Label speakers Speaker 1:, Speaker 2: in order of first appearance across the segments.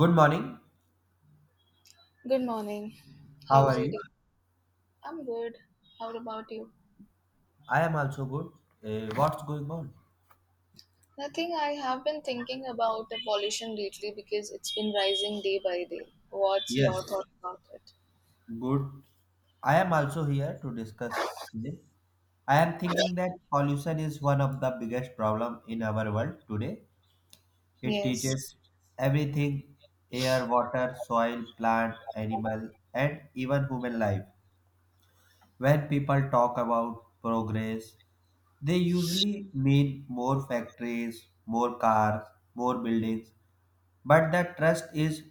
Speaker 1: Good morning.
Speaker 2: Good morning.
Speaker 1: How
Speaker 2: How's
Speaker 1: are
Speaker 2: your day?
Speaker 1: you?
Speaker 2: I'm good. How about you?
Speaker 1: I am also good. What's going on?
Speaker 2: Nothing. I have been thinking about the pollution lately because it's been rising day by day. What's your
Speaker 1: Yes,
Speaker 2: thought about it?
Speaker 1: good. I am also here to discuss it. I am thinking that pollution is one of the biggest problem in our world today. It
Speaker 2: Yes.
Speaker 1: teaches everything, air, water, soil, plant, animal, and even human life. When people talk about progress, they usually mean more factories, more cars, more buildings. But the trust is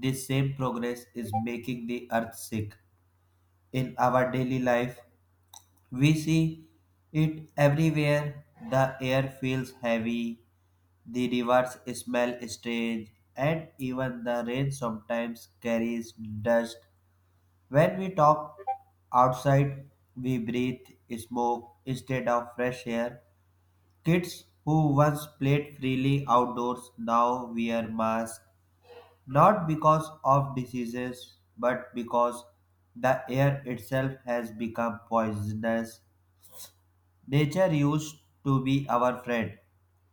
Speaker 1: this same progress is making the earth sick. In our daily life, we see it everywhere. The air feels heavy, the rivers smell strange, and even the rain sometimes carries dust. When we talk outside, we breathe smoke instead of fresh air. Kids who once played freely outdoors now wear masks, not because of diseases, but because the air itself has become poisonous. Nature used to be our friend.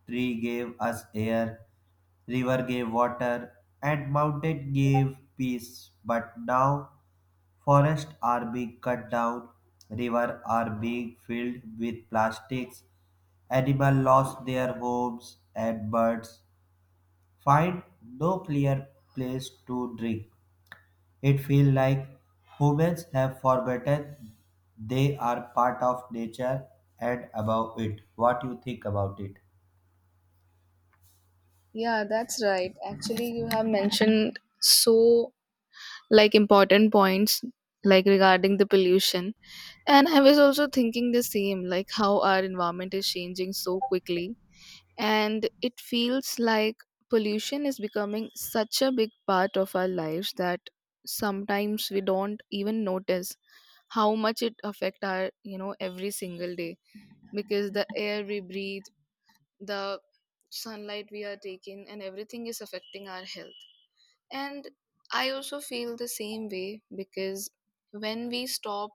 Speaker 1: Tree gave us air, river gave water, and mountain gave peace. But now forests are being cut down, rivers are being filled with plastics, animals lost their homes, and birds find no clear place to drink. It feels like humans have forgotten they are part of nature and above it. What you think about it?
Speaker 2: Yeah, that's right. Actually, you have mentioned so like important points like regarding the pollution. And I was also thinking the same, like how our environment is changing so quickly. And it feels like pollution is becoming such a big part of our lives that sometimes we don't even notice how much it affect our every single day, because the air we breathe, the sunlight we are taking and everything is affecting our health. And I also feel the same way because when we stop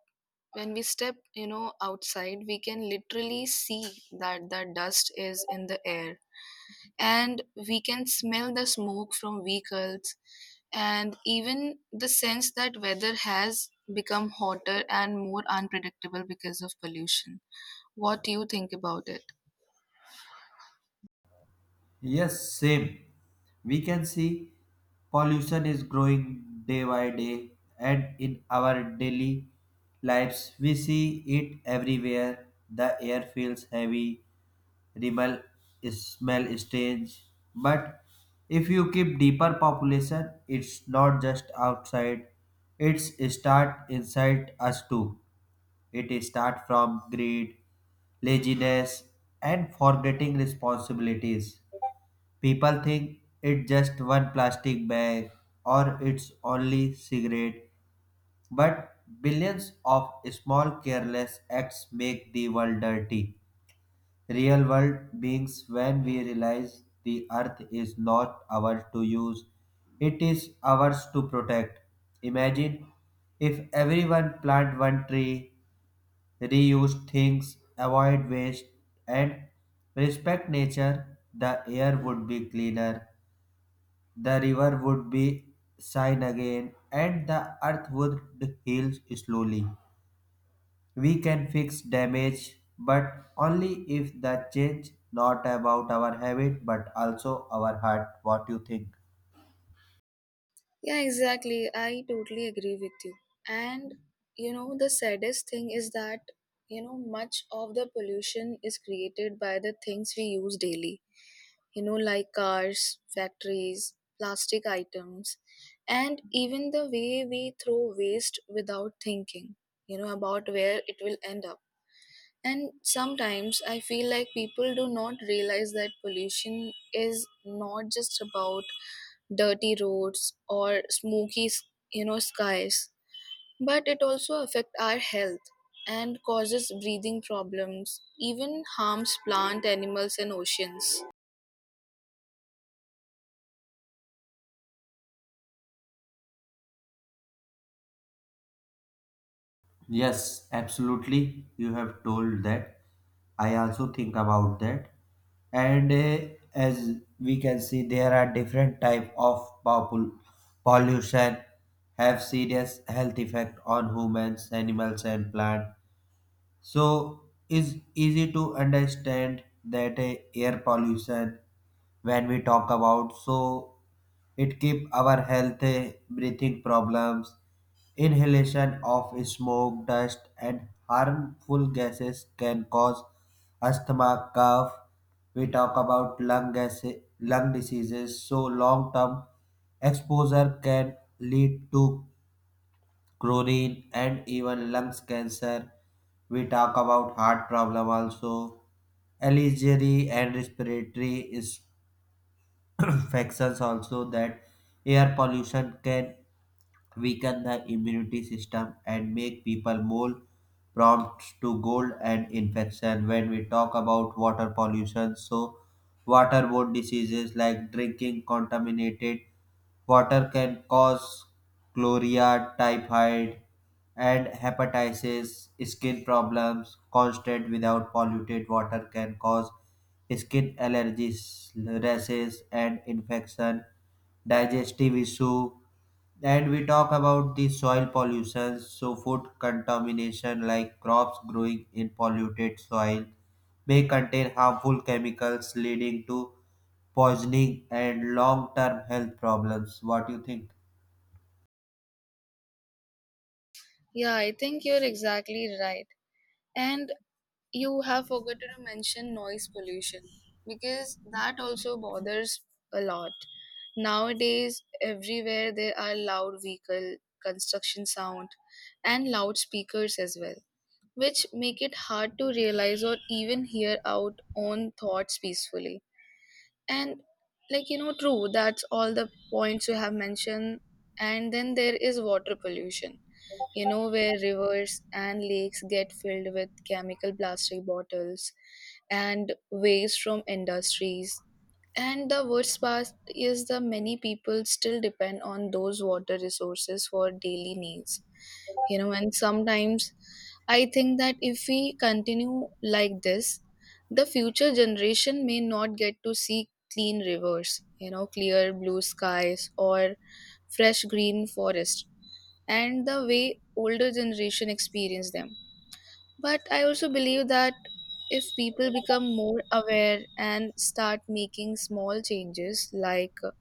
Speaker 2: when we step outside we can literally see that the dust is in the air, and we can smell the smoke from vehicles, and even the sense that weather has become hotter and more unpredictable because of pollution. What do you think about it?
Speaker 1: Yes, same. We can see pollution is growing day by day, and in our daily lives, we see it everywhere. The air feels heavy, rebel smell strange, but if you keep deeper population, it's not just outside, it's start inside us too. It start from greed, laziness, and forgetting responsibilities. People think it's just one plastic bag or it's only cigarette, but billions of small careless acts make the world dirty. Real world beings when we realize the earth is not ours to use, it is ours to protect. Imagine if everyone plant one tree, reuse things, avoid waste, and respect nature, the air would be cleaner, the river would be shine again, and the earth would heal slowly. We can fix damage, but only if the change not about our habit but also our heart. What you think?
Speaker 2: Yeah, exactly. I totally agree with you. And the saddest thing is that, much of the pollution is created by the things we use daily, like cars, factories, plastic items, and even the way we throw waste without thinking, about where it will end up. And sometimes I feel like people do not realize that pollution is not just about dirty roads or skies, but it also affects our health and causes breathing problems, even harms plant, animals, and oceans.
Speaker 1: Yes, absolutely. You have told that. I also think about that. And as we can see, there are different type of pollution have serious health effect on humans, animals, and plant. So it's easy to understand that air pollution, when we talk about so, it keep our health, breathing problems, inhalation of smoke dust and harmful gases can cause asthma, cough. We talk about lung gas, lung diseases, so long term exposure can lead to chlorine, and even lungs cancer. We talk about heart problem also, allergy and respiratory is- infections also, that air pollution can weaken the immunity system and make people more prompt to cold and infection. When we talk about water pollution, so waterborne diseases like drinking contaminated water can cause chlorella, typhoid, and hepatitis. Skin problems, constant without polluted water can cause skin allergies, rashes, and infection, digestive issue. And we talk about the soil pollution, so food contamination like crops growing in polluted soil may contain harmful chemicals leading to poisoning and long-term health problems. What do you think?
Speaker 2: Yeah, I think you're exactly right. And you have forgotten to mention noise pollution because that also bothers a lot. Nowadays, everywhere there are loud vehicle, construction sound, and loudspeakers as well, which make it hard to realize or even hear out own thoughts peacefully. And true, that's all the points you have mentioned. And then there is water pollution, where rivers and lakes get filled with chemical plastic bottles and waste from industries. And the worst part is the many people still depend on those water resources for daily needs. And sometimes I think that if we continue like this, the future generation may not get to see clean rivers, clear blue skies or fresh green forest and the way older generation experience them. But I also believe that if people become more aware and start making small changes, like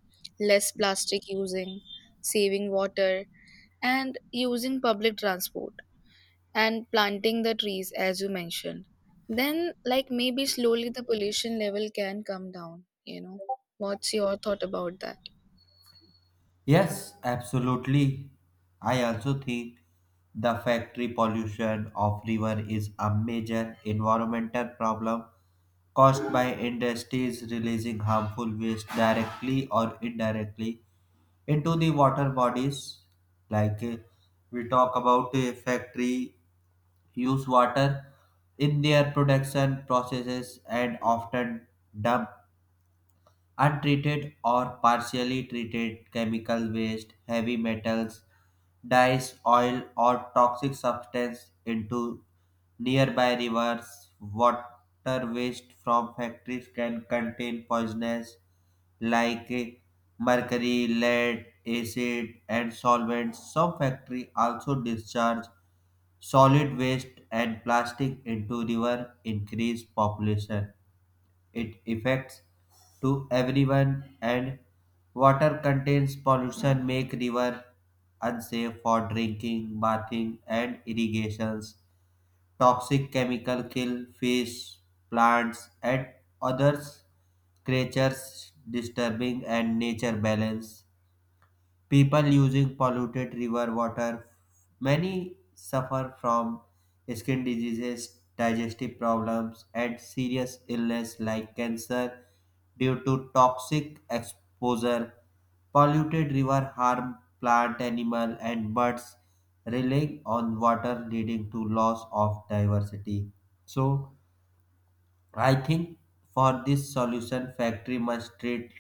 Speaker 2: less plastic using, saving water, and using public transport, and planting the trees as you mentioned, then like maybe slowly the pollution level can come down, you know? What's your thought about that?
Speaker 1: Yes, absolutely. I also think the factory pollution of river is a major environmental problem caused by industries releasing harmful waste directly or indirectly into the water bodies. like uh, we talk about a factory use water in their production processes and often dump untreated or partially treated chemical waste, heavy metals, dyes, oil, or toxic substance into nearby rivers. Water waste from factories can contain poisonous, like eh, mercury, lead, acid, and solvents. Some factories also discharge solid waste and plastic into river, increase population. It affects to everyone, and water contains pollution make river unsafe for drinking, bathing, and irrigations. Toxic chemical kill fish, plants, and others creatures, disturbing and nature balance. People using polluted river water, many suffer from skin diseases, digestive problems, and serious illness like cancer due to toxic exposure. Polluted river harm plant, animal, and birds, relying on water leading to loss of diversity. So I think for this solution, factory must treat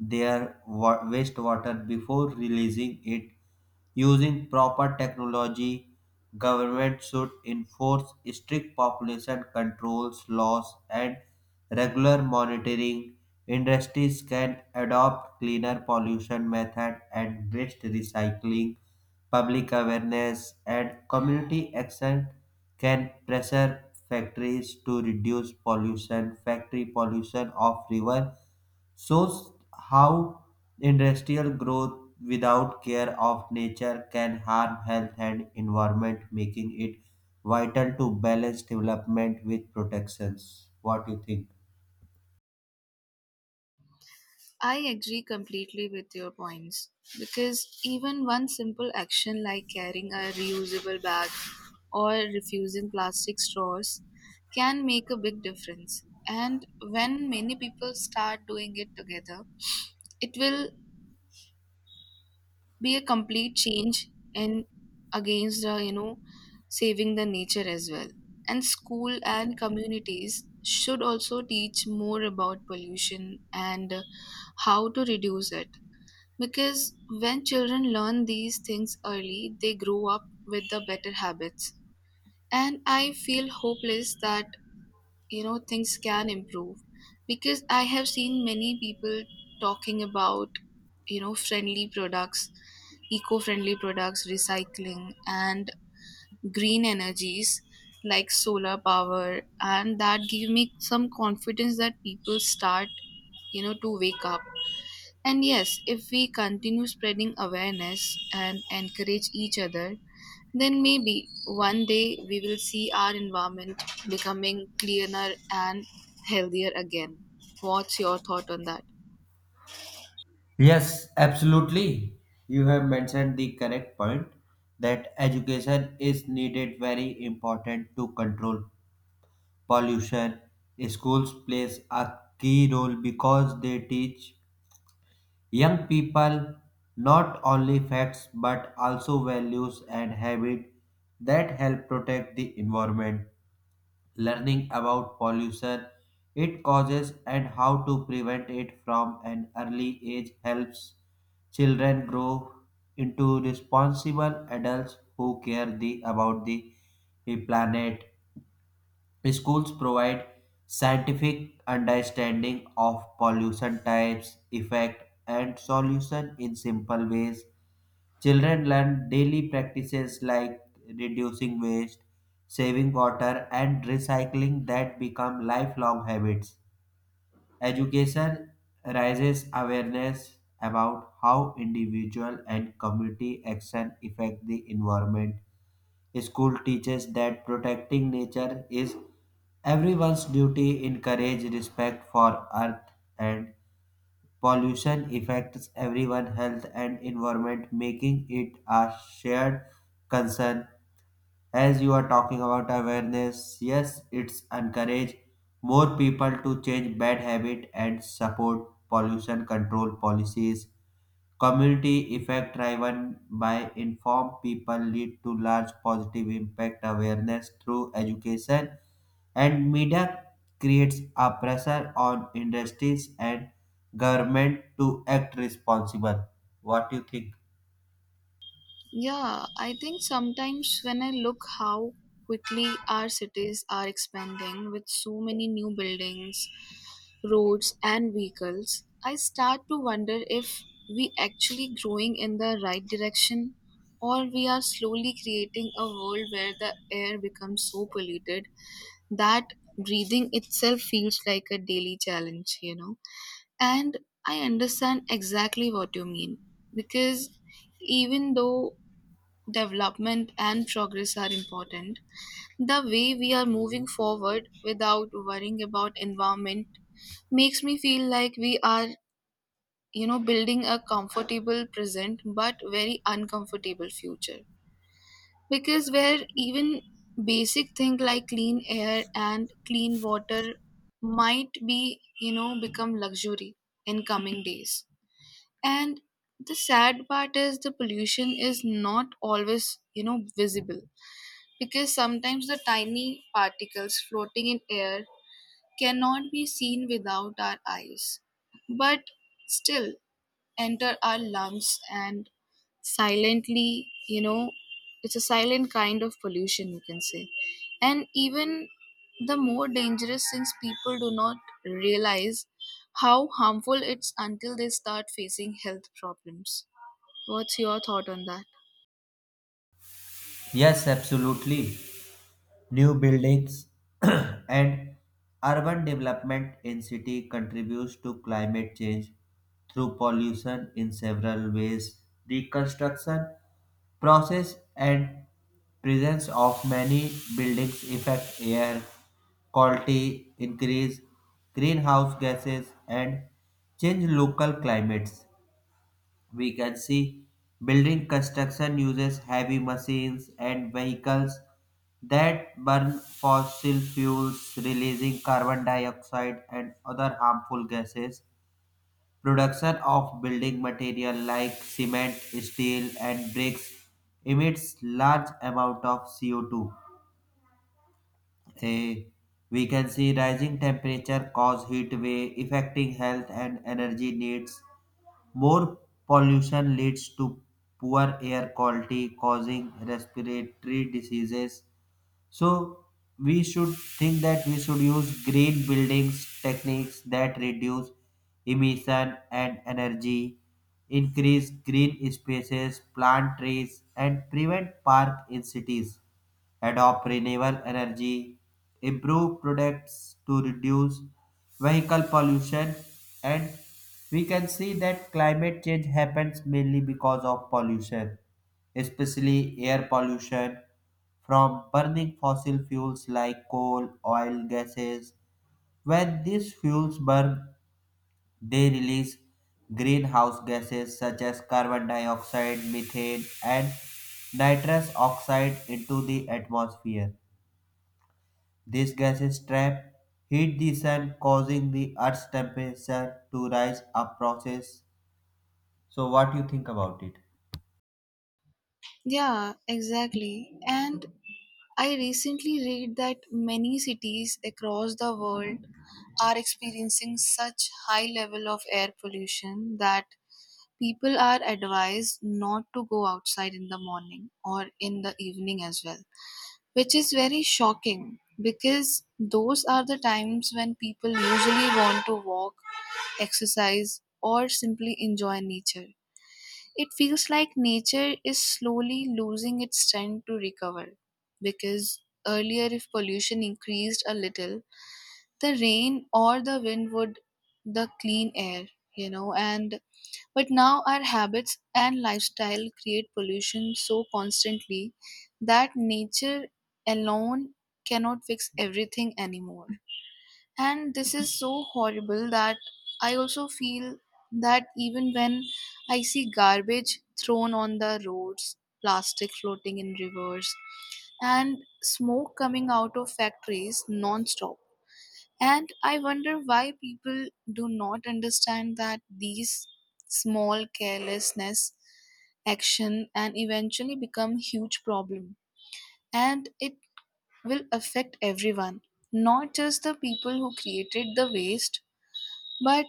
Speaker 1: their wastewater before releasing it using proper technology. Government should enforce strict population controls laws and regular monitoring. Industries can adopt cleaner pollution method and waste recycling, public awareness, and community action can pressure factories to reduce pollution. Factory pollution of river shows how industrial growth without care of nature can harm health and environment, making it vital to balance development with protections. What do you think?
Speaker 2: I agree completely with your points because even one simple action like carrying a reusable bag or refusing plastic straws can make a big difference. And when many people start doing it together, it will be a complete change in against the, saving the nature as well. And school and communities should also teach more about pollution and how to reduce it, because when children learn these things early, they grow up with the better habits. And I feel hopeless that, things can improve. Because I have seen many people talking about, friendly products, eco friendly products, recycling, and green energies like solar power. And that give me some confidence that people start, to wake up. And yes, if we continue spreading awareness and encourage each other, then maybe one day we will see our environment becoming cleaner and healthier again. What's your thought on that?
Speaker 1: Yes, absolutely. You have mentioned the correct point that education is needed very important to control pollution. Schools plays a key role because they teach young people not only facts but also values and habits that help protect the environment. Learning about pollution, it causes and how to prevent it from an early age, helps children grow into responsible adults who care about the planet. Schools provide scientific understanding of pollution types, effect, and solution in simple ways. Children learn daily practices like reducing waste, saving water, and recycling that become lifelong habits. Education raises awareness about how individual and community action affect the environment. School teaches that protecting nature is everyone's duty, encourage respect for earth, and pollution affects everyone, health and environment, making it a shared concern. As you are talking about awareness, yes, it's encourage more people to change bad habit and support pollution control policies. Community effect driven by informed people lead to large positive impact. Awareness through education and media creates a pressure on industries and government to act responsible. What do you think?
Speaker 2: Yeah, I think sometimes when I look how quickly our cities are expanding with so many new buildings, roads, and vehicles, I start to wonder if we actually growing in the right direction, or we are slowly creating a world where the air becomes so polluted that breathing itself feels like a daily challenge, you know. And I understand exactly what you mean, because even though development and progress are important, the way we are moving forward without worrying about environment makes me feel like we are, building a comfortable present but very uncomfortable future. Because where even basic things like clean air and clean water might be, become luxury in coming days. And the sad part is the pollution is not always, visible, because sometimes the tiny particles floating in air cannot be seen without our eyes, but still enter our lungs and silently, it's a silent kind of pollution, you can say. And even the more dangerous since people do not realize how harmful it's until they start facing health problems. What's your thought on that?
Speaker 1: Yes, absolutely. New buildings and urban development in city contributes to climate change through pollution in several ways. Deconstruction process and presence of many buildings affect air quality, increase greenhouse gases, and change local climates. We can see building construction uses heavy machines and vehicles that burn fossil fuels, releasing carbon dioxide and other harmful gases. Production of building material like cement, steel, and bricks emits large amount of CO2. Eh, we can see rising temperature cause heat wave affecting health and energy needs. More pollution leads to poor air quality causing respiratory diseases, so we should think that we should use green buildings techniques that reduce emission and energy, increase green spaces, plant trees, and prevent park in cities, adopt renewable energy, improve products to reduce vehicle pollution. And we can see that climate change happens mainly because of pollution, especially air pollution from burning fossil fuels like coal, oil, gases. When these fuels burn, they release greenhouse gases such as carbon dioxide, methane, and nitrous oxide into the atmosphere. These gases trap heat the sun, causing the Earth's temperature to rise. A process. So, what do you think about it?
Speaker 2: Yeah, exactly. And I recently read that many cities across the world are experiencing such high level of air pollution that people are advised not to go outside in the morning or in the evening as well, which is very shocking because those are the times when people usually want to walk, exercise, or simply enjoy nature. It feels like nature is slowly losing its strength to recover, because earlier, if pollution increased a little, the rain or the wind would the clean air, and but now our habits and lifestyle create pollution so constantly that nature alone cannot fix everything anymore. And this is so horrible that I also feel that even when I see garbage thrown on the roads, plastic floating in rivers, and smoke coming out of factories non-stop, and I wonder why people do not understand that these small carelessness action and eventually become huge problem, and it will affect everyone, not just the people who created the waste. But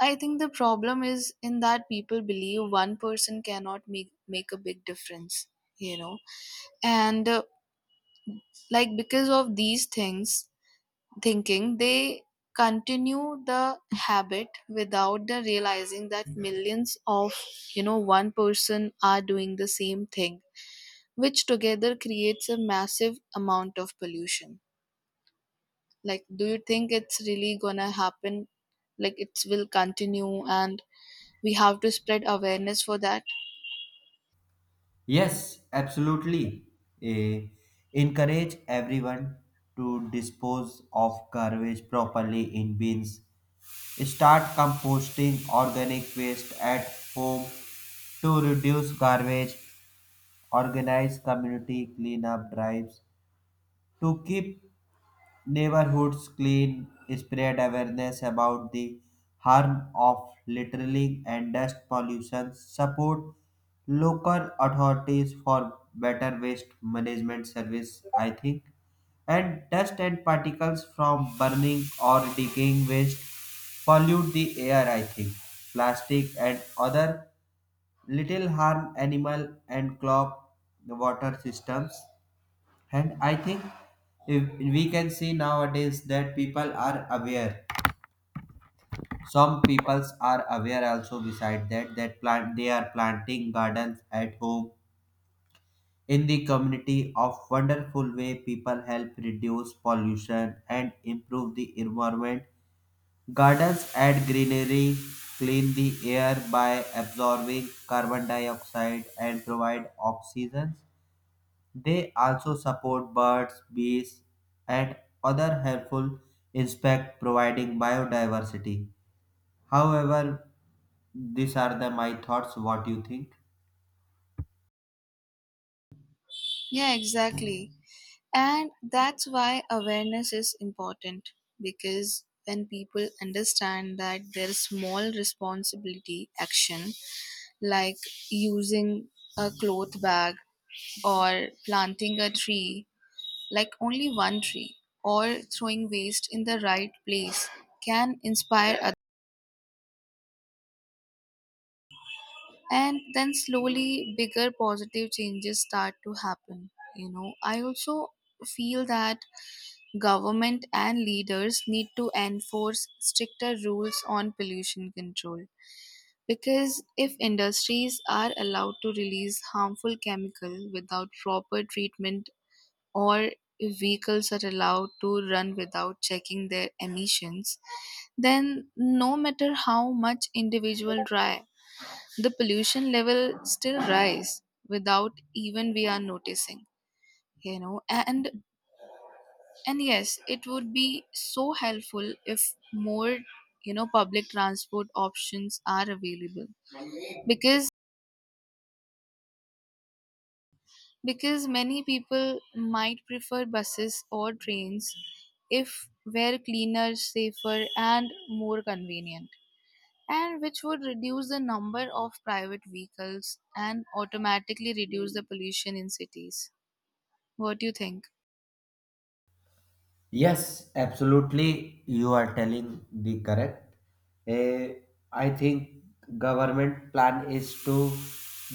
Speaker 2: I think the problem is in that people believe one person cannot make a big difference, you know. And like because of these things thinking, they continue the habit without the realizing that millions of, one person are doing the same thing, which together creates a massive amount of pollution. Like, do you think it's really gonna happen? Like, it will continue and we have to spread awareness for that.
Speaker 1: Yes, absolutely. Eh, encourage everyone to dispose of garbage properly in bins. Start composting organic waste at home to reduce garbage. Organize community cleanup drives to keep neighborhoods clean, spread awareness about the harm of littering and dust pollution, support local authorities for better waste management service, I think. And dust and particles from burning or decaying waste pollute the air, I think. Plastic and other little harm animal and clog the water systems. And I think if we can see nowadays that people are aware. Some peoples are aware also beside that, that plant, they are planting gardens at home in the community of wonderful way people help reduce pollution and improve the environment. Gardens add greenery, clean the air by absorbing carbon dioxide and provide oxygen. They also support birds, bees, and other helpful insects, providing biodiversity. However, these are the my thoughts. What do you think?
Speaker 2: Yeah, exactly. And that's why awareness is important, because when people understand that their small responsibility action like using a cloth bag or planting a tree, like only one tree, or throwing waste in the right place, can inspire, and then slowly bigger positive changes start to happen, you know. I also feel that government and leaders need to enforce stricter rules on pollution control, because if industries are allowed to release harmful chemical without proper treatment, or if vehicles are allowed to run without checking their emissions, then no matter how much individual try, the pollution level still rise without even we are noticing, you know. And yes it would be so helpful if more, public transport options are available, because many people might prefer buses or trains if were cleaner, safer and more convenient, and which would reduce the number of private vehicles and automatically reduce the pollution in cities. What do you think?
Speaker 1: Yes, absolutely. You are telling the correct. Eh, I think government plan is to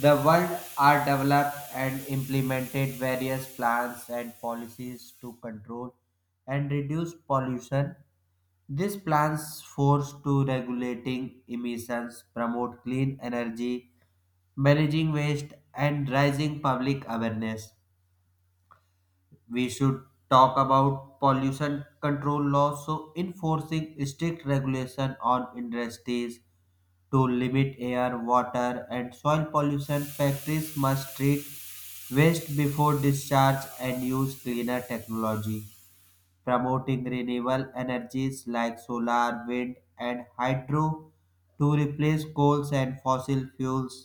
Speaker 1: the world, are developed and implemented various plans and policies to control and reduce pollution. These plans force to regulating emissions, promote clean energy, managing waste, and rising public awareness. We should talk about pollution control laws, so enforcing strict regulation on industries to limit air, water, and soil pollution. Factories must treat waste before discharge and use cleaner technology, promoting renewable energies like solar, wind, and hydro to replace coals and fossil fuels,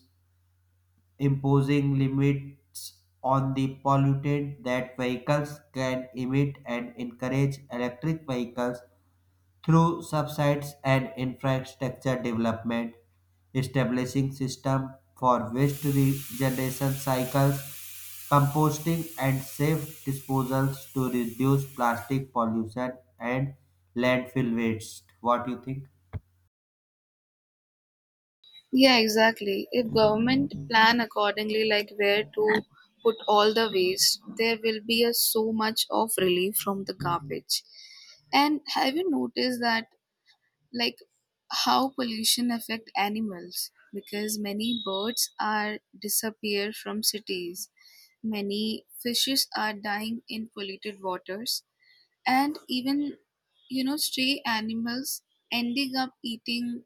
Speaker 1: imposing limits on the pollutant that vehicles can emit and encourage electric vehicles through subsidies and infrastructure development, establishing system for waste regeneration cycles, composting, and safe disposals to reduce plastic pollution and landfill waste. What do you think?
Speaker 2: Yeah, exactly. If government plan accordingly, like where to put all the waste, there will be a so much of relief from the garbage. And have you noticed that, like, how pollution affect animals? Because many birds are disappear from cities, many fishes are dying in polluted waters, and even stray animals ending up eating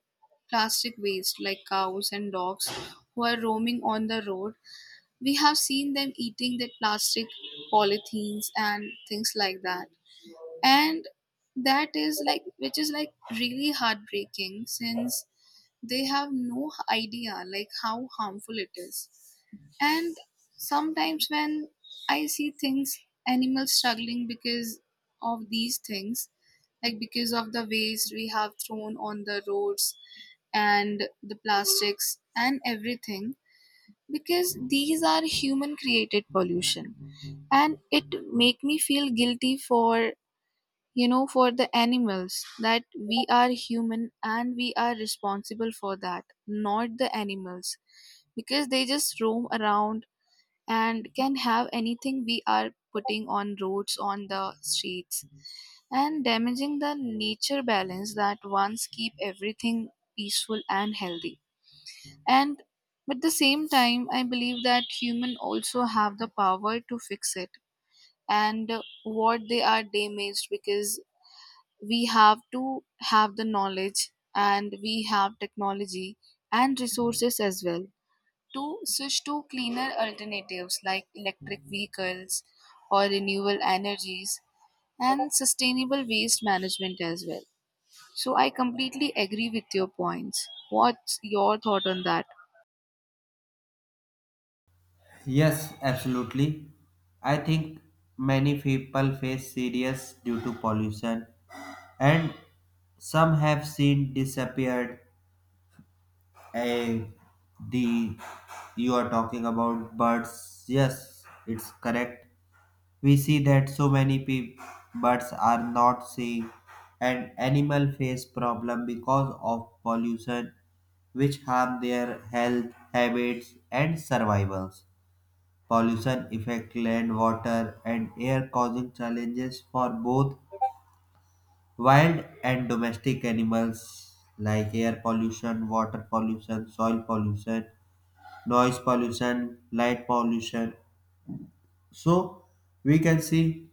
Speaker 2: plastic waste like cows and dogs who are roaming on the road, we have seen them eating the plastic polythenes and things like that. And that is like which is like really heartbreaking since they have no idea like how harmful it is. And sometimes when I see things, animals struggling because of these things, like because of the waste we have thrown on the roads and the plastics and everything, because these are human created pollution. And it make me feel guilty for, for the animals, that we are human and we are responsible for that, not the animals, because they just roam around and can have anything we are putting on roads on the streets, and damaging the nature balance that once keep everything peaceful and healthy. And at the same time I believe that human also have the power to fix it and what they are damaged, because we have to have the knowledge and we have technology and resources as well to switch to cleaner alternatives like electric vehicles or renewable energies and sustainable waste management as well. So I completely agree with your points. What's your thought on that?
Speaker 1: Yes, absolutely. I think many people face serious due to pollution, and some have seen disappeared. Eh, the you are talking about birds, yes, it's correct. We see that so many birds are not seeing, and animal face problem because of pollution, which harm their health, habits, and survivals. Pollution affects land, water, and air, causing challenges for both wild and domestic animals, like air pollution, water pollution, soil pollution, noise pollution, light pollution. So, we can see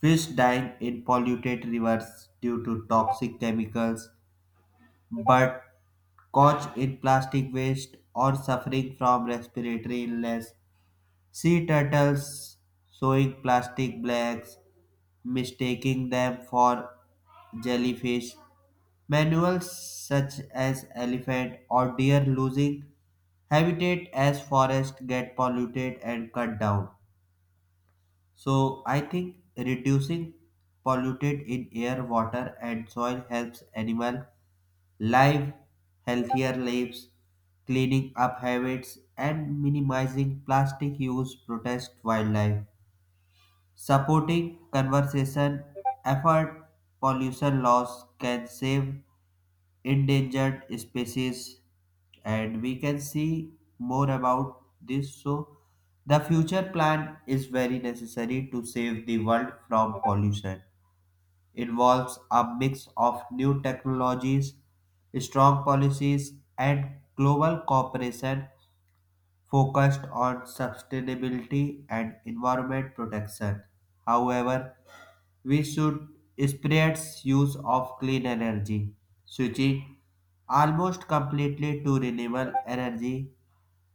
Speaker 1: fish dying in polluted rivers due to toxic chemicals, but caught in plastic waste or suffering from respiratory illness. Sea turtles showing plastic bags, mistaking them for jellyfish. Mammals such as elephant or deer losing habitat as forests get polluted and cut down. So I think reducing polluted in air, water, and soil helps animal live healthier lives, cleaning up habits, and minimizing plastic use protect wildlife. Supporting conservation effort pollution laws can save endangered species. And we can see more about this, so the future plan is very necessary to save the world from pollution, involves a mix of new technologies, strong policies, and global cooperation focused on sustainability and environment protection. However, we should spread use of clean energy, switching almost completely to renewable energy,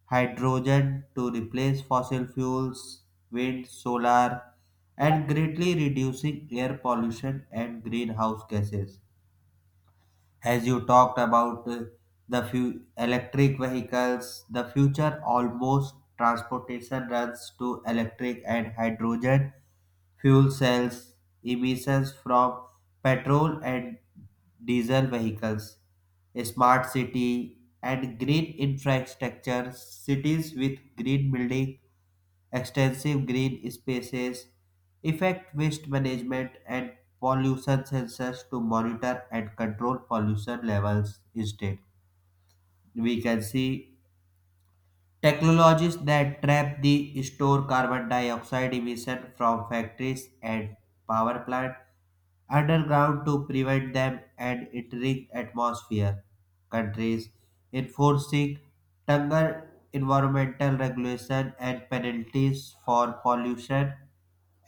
Speaker 1: hydrogen to replace fossil fuels, wind, solar, and greatly reducing air pollution and greenhouse gases. As you talked about the few electric vehicles, the future almost transportation runs to electric and hydrogen fuel cells, emissions from petrol and diesel vehicles, smart city, and green infrastructure. Cities with green building, extensive green spaces, effect waste management, and pollution sensors to monitor and control pollution levels instead. We can see technologies that trap the store carbon dioxide emission from factories and power plants underground to prevent them and entering atmosphere. Countries enforcing tougher environmental regulation and penalties for pollution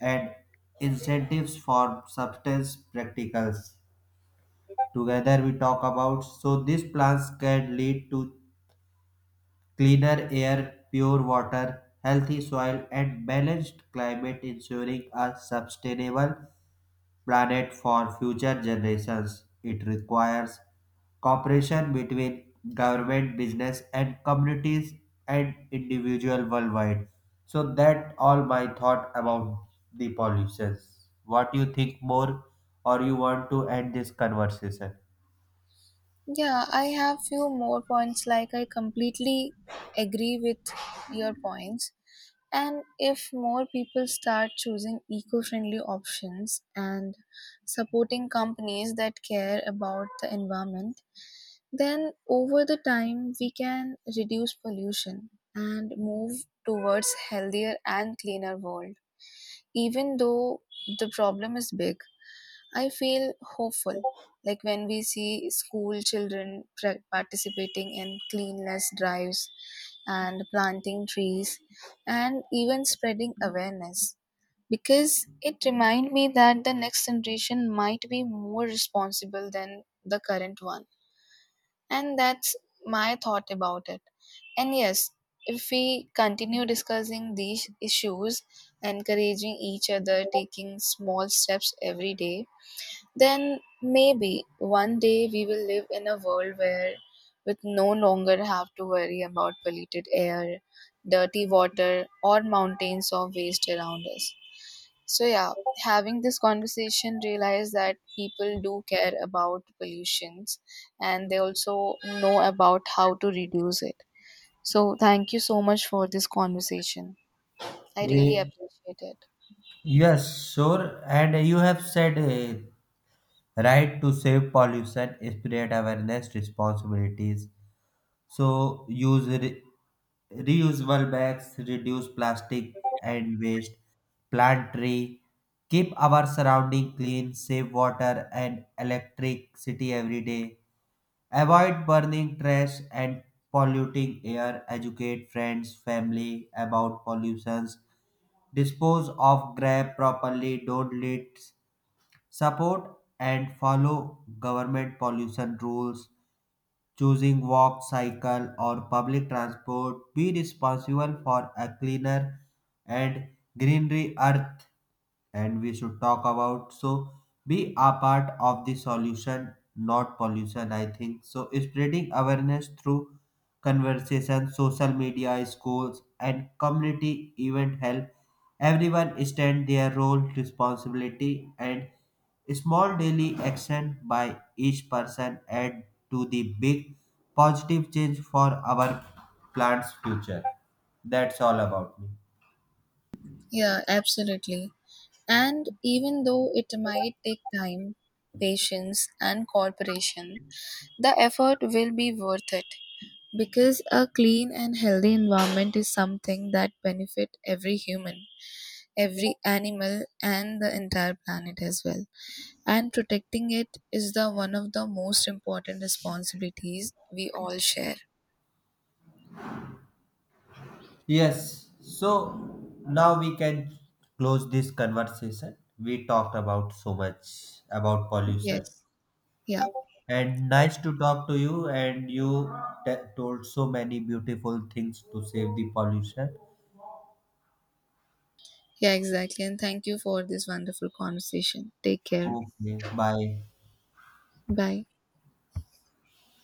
Speaker 1: and incentives for substance practicals. Together we talk about, so these plans can lead to cleaner air, pure water, healthy soil, and balanced climate ensuring a sustainable planet for future generations. It requires cooperation between government, business, and communities and individual worldwide. So that all my thought about the pollutions. What you think more, or you want to end this conversation?
Speaker 2: Yeah, I have few more points. Like I completely agree with your points. And if more people start choosing eco-friendly options and supporting companies that care about the environment, then over the time we can reduce pollution and move towards healthier and cleaner world. Even though the problem is big, I feel hopeful, like when we see school children participating in cleanliness drives and planting trees and even spreading awareness, because it reminds me that the next generation might be more responsible than the current one. And that's my thought about it. And yes, if we continue discussing these issues, encouraging each other, taking small steps every day, then maybe one day we will live in a world where we no longer have to worry about polluted air, dirty water, or mountains of waste around us. So, yeah, having this conversation, realize that people do care about pollutions and they also know about how to reduce it. So, thank you so much for this conversation. I really
Speaker 1: Eh,
Speaker 2: appreciate it.
Speaker 1: yes, sure. And you have said right, to save pollution spread awareness responsibilities, so use reusable bags, reduce plastic and waste, plant tree, keep our surrounding clean, save water and electricity every day, avoid burning trash and polluting air, educate friends, family about pollutions, dispose of grab properly, don't litter, support and follow government pollution rules. Choosing walk, cycle, or public transport. Be responsible for a cleaner and greenery earth. And we should talk about, so be a part of the solution, not pollution. I think so. Spreading awareness through conversations, social media, schools, and community event help everyone stands their role, responsibility, and small daily action by each person add to the big positive change for our plant's future. That's all about me.
Speaker 2: Yeah, absolutely. And even though it might take time, patience, and cooperation, the effort will be worth it, because a clean and healthy environment is something that benefit every human, every animal, and the entire planet as well. And protecting it is the one of the most important responsibilities we all share.
Speaker 1: Yes, so now we can close this conversation. We talked about so much about pollution
Speaker 2: Yes. Yeah.
Speaker 1: and nice to talk to you, and you told so many beautiful things to save the pollution.
Speaker 2: Yeah, exactly. And thank you for this wonderful conversation. Take care.
Speaker 1: Okay, bye.
Speaker 2: Bye.